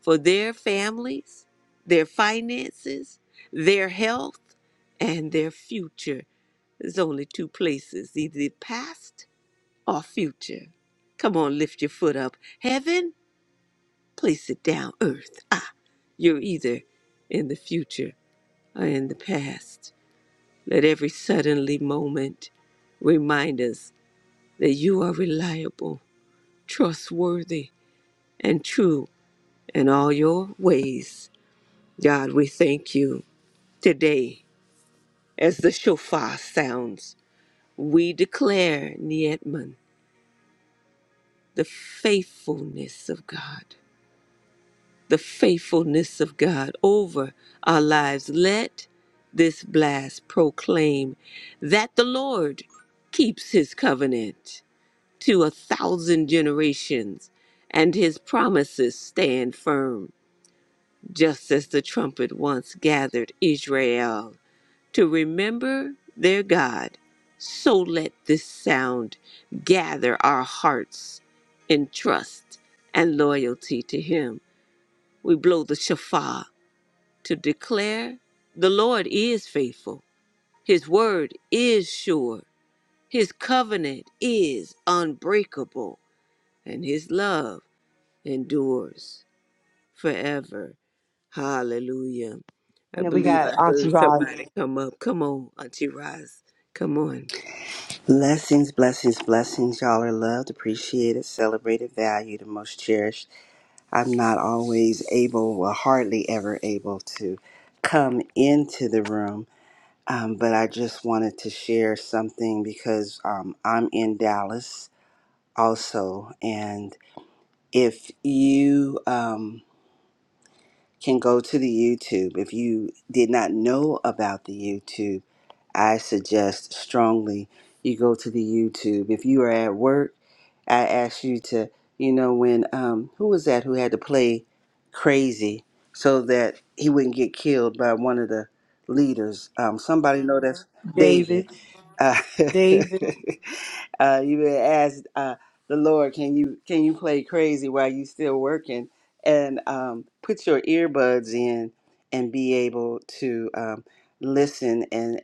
A: for their families, their finances, their health, and their future. There's only two places either the past or future. Come on, lift your foot up. Heaven Place it down, earth. Ah, you're either in the future or in the past. Let every suddenly moment remind us that you are reliable, trustworthy, and true in all your ways. God, we thank you today as the shofar sounds. We declare, Nietman, the faithfulness of God. the faithfulness of God over our lives. Let this blast proclaim that the Lord keeps his covenant to a thousand generations and his promises stand firm, just as the trumpet once gathered Israel to remember their God. So let this sound gather our hearts in trust and loyalty to him. We blow the shofar to declare the Lord is faithful, His word is sure, His covenant is unbreakable, and His love endures forever. Hallelujah. I
D: And then we
A: believe
D: got
A: I
D: Auntie
A: heard
D: Roz.
A: somebody come up. Come on, Auntie Roz. Come on.
F: Blessings, blessings, blessings. Y'all are loved, appreciated, celebrated, valued, and most cherished. I'm not always able, well, hardly ever able to come into the room, um, but I just wanted to share something because um, I'm in Dallas also. And if you um, can go to the YouTube, if you did not know about the YouTube, I suggest strongly you go to the YouTube. If you are at work, I ask you to, you know, when um, who was that who had to play crazy so that he wouldn't get killed by one of the leaders? Um, somebody know that's David.
C: David,
F: Uh, [laughs]
C: David,
F: uh, you may ask uh, the Lord, can you can you play crazy while you still working, and um, put your earbuds in and be able to um, listen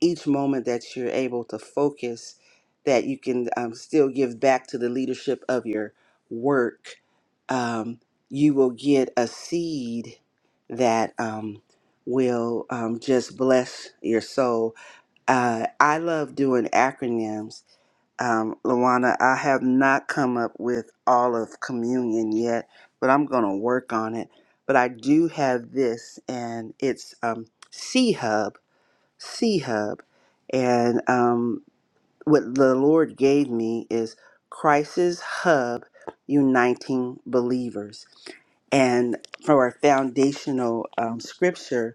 F: each moment that you're able to focus that you can um, still give back to the leadership of your work um, you will get a seed that um, will um, just bless your soul uh, i love doing acronyms um, luana i have not come up with all of communion yet but i'm going to work on it but i do have this and it's um, c hub C Hub. And um, what the Lord gave me is Crisis Hub Uniting Believers. And for our foundational um, scripture,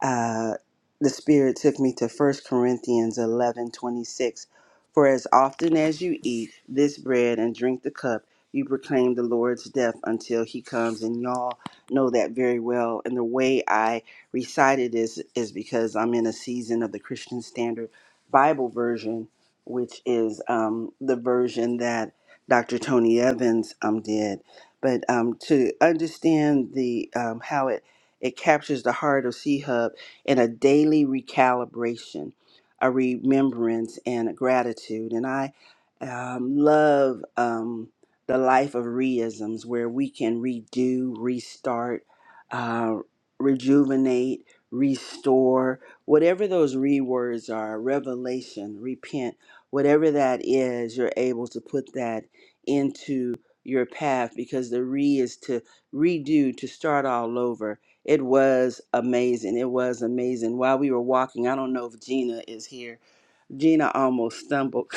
F: uh, the Spirit took me to First Corinthians 11 26, For as often as you eat this bread and drink the cup, you proclaim the Lord's death until he comes. And y'all know that very well. And the way I recited this is because I'm in a season of the Christian Standard Bible version, which is um, the version that Dr. Tony Evans um, did. But um, to understand the um, how it it captures the heart of C Hub in a daily recalibration, a remembrance, and a gratitude. And I um, love um, the life of reisms where we can redo, restart, uh, rejuvenate, restore, whatever those re words are, revelation, repent, whatever that is, you're able to put that into your path because the re is to redo, to start all over it was amazing. It was amazing. While we were walking, I don't know if Gina is here. Gina almost stumbled. [laughs]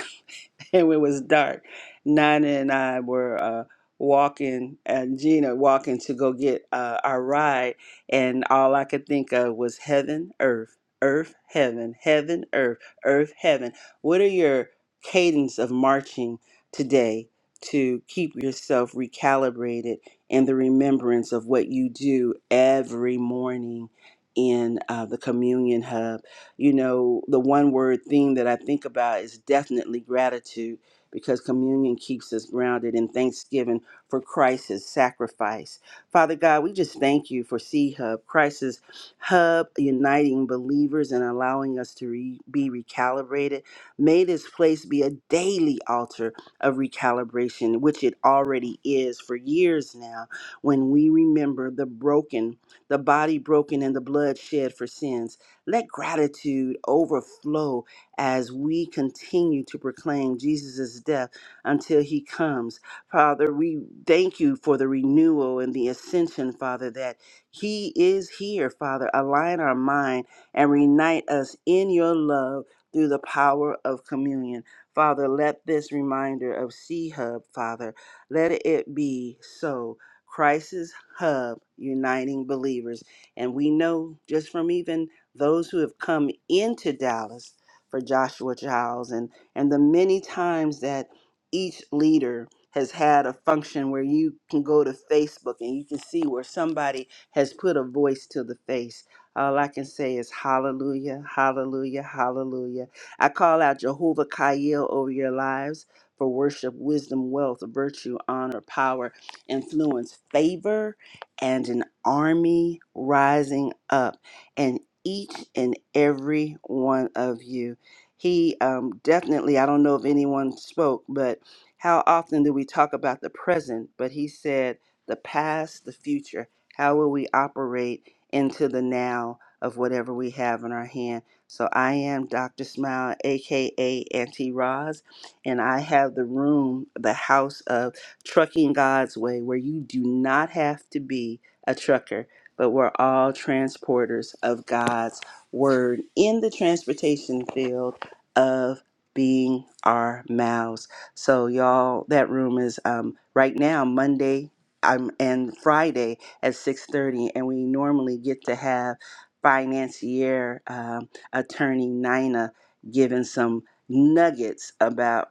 F: [laughs] and it was dark. Nana and I were uh, walking, and Gina walking to go get uh, our ride, and all I could think of was heaven, earth, earth, heaven, heaven, earth, earth, heaven. What are your cadence of marching today to keep yourself recalibrated in the remembrance of what you do every morning in uh, the communion hub? you know, the one word theme that I think about is definitely gratitude because communion keeps us grounded in thanksgiving for Christ's sacrifice. Father God, we just thank you for C Hub, Christ's hub uniting believers and allowing us to re- be recalibrated. May this place be a daily altar of recalibration, which it already is for years now, when we remember the broken, the body broken, and the blood shed for sins. Let gratitude overflow as we continue to proclaim Jesus' death until he comes. Father, we thank you for the renewal and the ascension, Father, that he is here, Father. Align our mind and reunite us in your love through the power of communion. Father, let this reminder of C Hub, Father, let it be so. Christ's Hub, uniting believers. And we know just from even those who have come into Dallas for Joshua Giles and, and the many times that each leader has had a function where you can go to Facebook and you can see where somebody has put a voice to the face. All I can say is hallelujah, hallelujah, hallelujah. I call out Jehovah Kaiel over your lives for worship, wisdom, wealth, virtue, honor, power, influence, favor, and an army rising up. and each and every one of you. He um, definitely, I don't know if anyone spoke, but how often do we talk about the present? But he said, the past, the future. How will we operate into the now of whatever we have in our hand? So I am Dr. Smile, aka Auntie Roz, and I have the room, the house of Trucking God's Way, where you do not have to be a trucker but we're all transporters of God's word in the transportation field of being our mouths. So, y'all, that room is um, right now Monday um, and Friday at 6:30, and we normally get to have financier um, attorney Nina giving some nuggets about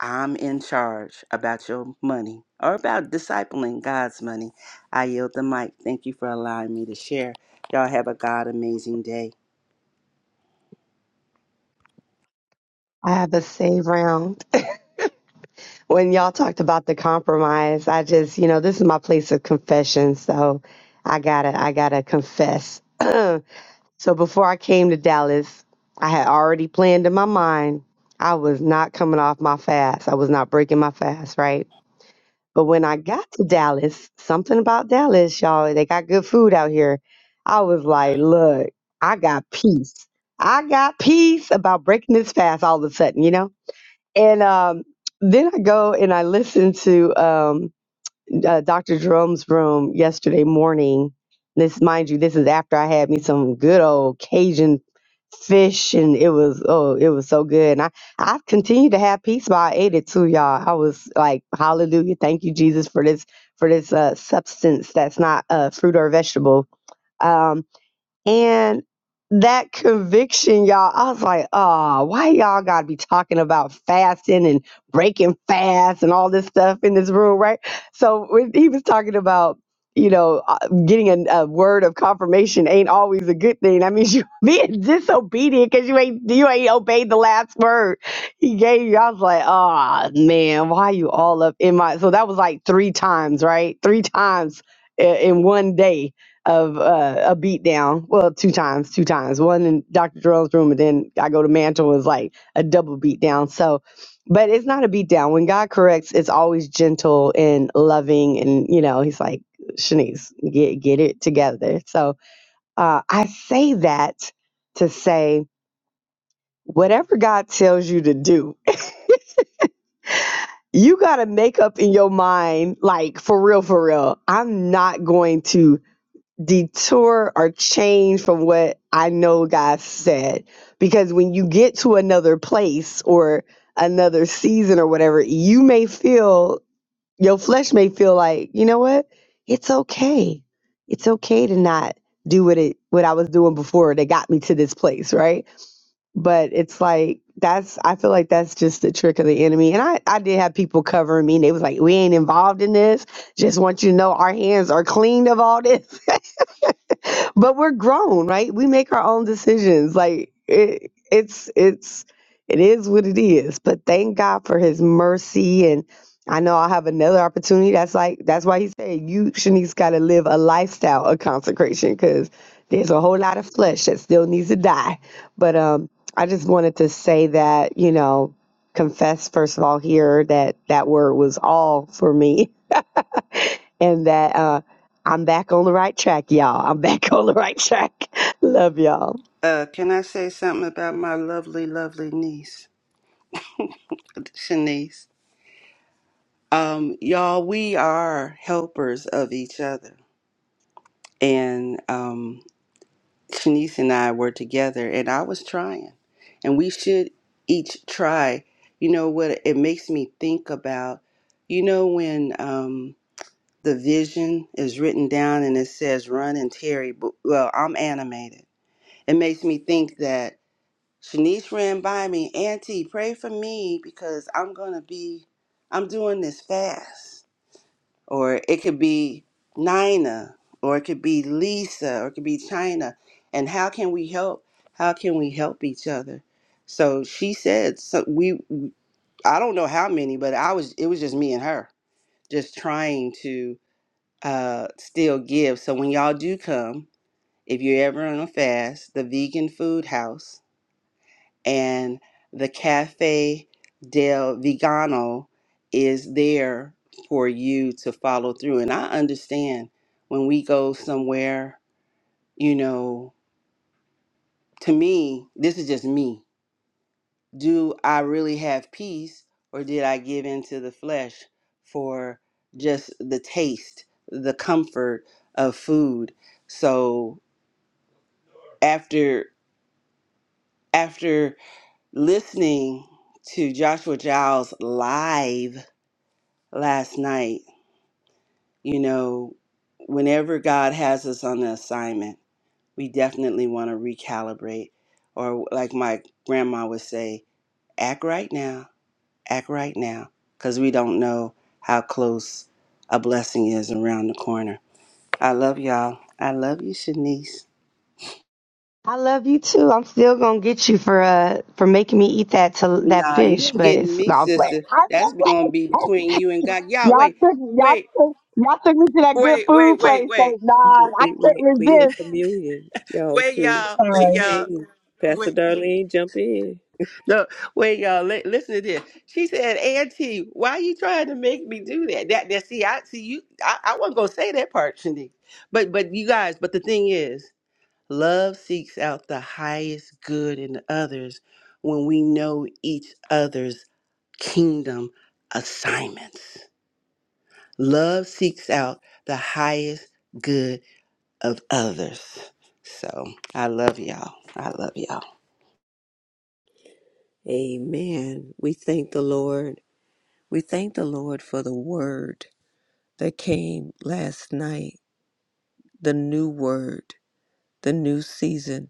F: I'm in charge about your money or about discipling God's money I yield the mic. Thank you for allowing me to share. Y'all have a God amazing day.
D: I have a save round. When y'all talked about the compromise, I just, you know, this is my place of confession. So I gotta, I gotta confess. [clears throat] so before I came to Dallas, I had already planned in my mind I was not coming off my fast. I was not breaking my fast, right? But when I got to Dallas, something about Dallas, y'all, they got good food out here. I was like, look, I got peace. I got peace about breaking this fast all of a sudden, you know? And um, then I go and I listen to um, uh, Dr. Jerome's room yesterday morning. This, mind you, this is after I had me some good old Cajun fish, and it was oh, it was so good. And I I continued to have peace while I ate it too, y'all. I was like, Hallelujah, thank you, Jesus, for this for this uh, substance that's not a fruit or vegetable. Um, and that conviction, y'all, I was like, oh, why y'all gotta be talking about fasting and breaking fast and all this stuff in this room, right? So when he was talking about, you know, uh, getting a, a word of confirmation ain't always a good thing. I mean, [laughs] you being disobedient because you ain't you ain't obeyed the last word he gave you. I was like, oh man, why you all up in my? So that was like three times, right? Three times i- in one day of uh, a beat down. Well, two times, two times. One in Dr. Jerome's room, and then I go to Mantle was like a double beat down. So, but it's not a beat down. When God corrects, it's always gentle and loving, and you know, He's like, Shanice, get get it together. So uh, I say that to say whatever God tells you to do. You got to make up in your mind, like for real, for real. I'm not going to detour or change from what I know God said. Because when you get to another place or another season or whatever, you may feel, your flesh may feel like, you know what? It's okay. It's okay to not do what it what I was doing before that got me to this place, right? But it's like that's I feel like that's just the trick of the enemy. And I, I did have people covering me and they was like, We ain't involved in this. Just want you to know our hands are clean of all this but we're grown, right? We make our own decisions. Like it, it's it's it is what it is. But thank God for His mercy, and I know I'll have another opportunity. That's like that's why He said you Shanice got to live a lifestyle of consecration because there's a whole lot of flesh that still needs to die. But um, I just wanted to say that you know confess first of all here that that word was all for me and that uh, I'm back on the right track, y'all. I'm [laughs] back on the right track. [laughs] love y'all.
F: Uh, can I say something about my lovely, lovely niece, Shanice? Um, y'all, we are helpers of each other. And um, Shanice and I were together, and I was trying. And we should each try. You know what? It makes me think about, you know, when um, the vision is written down and it says, run and Terry. But, well, I'm animated it makes me think that Shanice ran by me, Auntie, pray for me because I'm gonna be, I'm doing this fast. Or it could be Nina, or it could be Lisa, or it could be China. And how can we help? How can we help each other? So she said, so we, I don't know how many, but I was, it was just me and her, just trying to uh, still give. So when y'all do come, if you're ever on a fast, the Vegan Food House and the Cafe del Vegano is there for you to follow through. And I understand when we go somewhere, you know, to me, this is just me. Do I really have peace or did I give into the flesh for just the taste, the comfort of food? So after after listening to Joshua Giles live last night, you know, whenever God has us on the assignment, we definitely want to recalibrate. Or, like my grandma would say, act right now, act right now, because we don't know how close a blessing is around the corner. I love y'all. I love you, Shanice.
D: I love you too. I'm still gonna get you for uh for making me eat that to, that
F: Nah, you
D: fish,
F: ain't
D: but
F: getting
D: it's
F: me,
D: no, I'm playing.
F: sister.
D: I- I-
F: That's going to be between you and God. Y'all,
D: Y'all
F: wait,
D: took y'all
F: wait,
D: took y'all took me to that good
F: wait, wait,
D: food
F: wait,
D: place.
F: wait,
D: That, nah,
A: We
D: I
A: we
D: couldn't
A: we in
D: resist.
A: communion, y'all
F: wait,
A: too.
F: y'all, wait,
D: Sorry.
F: y'all,
A: Amen.
F: wait.
A: Pastor Darlene, jump in.
F: No, wait, y'all. Li- listen to this. She said, "Auntie, why you trying to make me do that?" That, that. See, I see you. I, I wasn't gonna say that part, Shanique. But, but you guys. But the thing is, love seeks out the highest good in others when we know each other's kingdom assignments. Love seeks out the highest good of others. So I love y'all. I love y'all.
A: Amen. We thank the Lord. We thank the Lord for the word that came last night. The new word, the new season.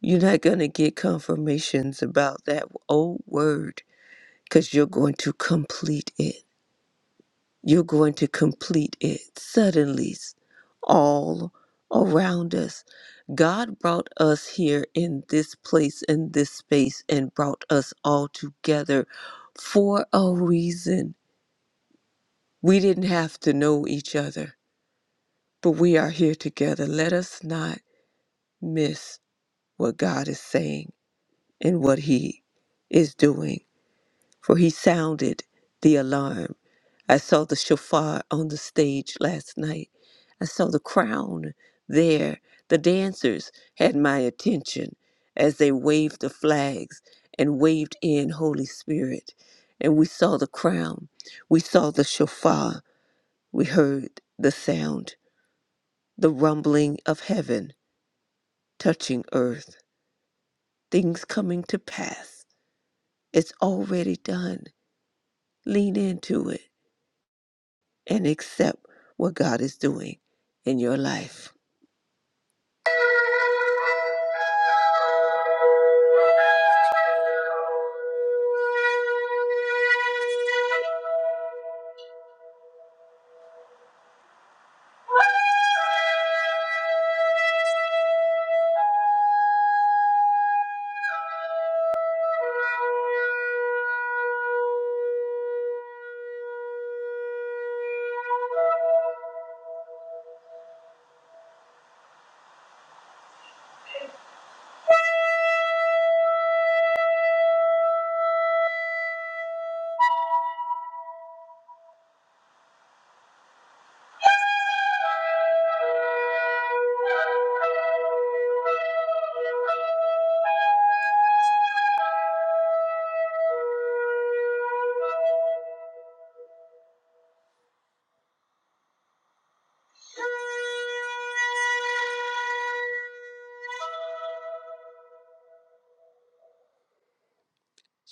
A: You're not gonna get confirmations about that old word because you're going to complete it. You're going to complete it suddenly, all around us. God brought us here in this place, in this space, and brought us all together for a reason. We didn't have to know each other, but we are here together. Let us not miss what God is saying and what He is doing. for he sounded the alarm. I saw the shofar on the stage last night. I saw the crown there. The dancers had my attention as they waved the flags and waved in Holy Spirit. And we saw the crown. We saw the shofar. We heard the sound, the rumbling of heaven touching earth, things coming to pass. It's already done. Lean into it. and accept what God is doing in your life.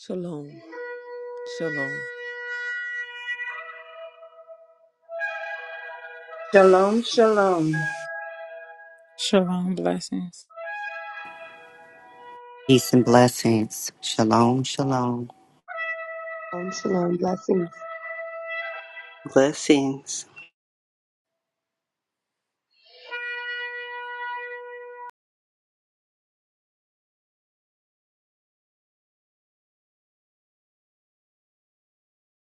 A: Shalom. Shalom.
C: Shalom, shalom.
E: Shalom. Blessings.
B: Peace and blessings. Shalom, shalom.
D: Um, shalom, blessings.
F: Blessings.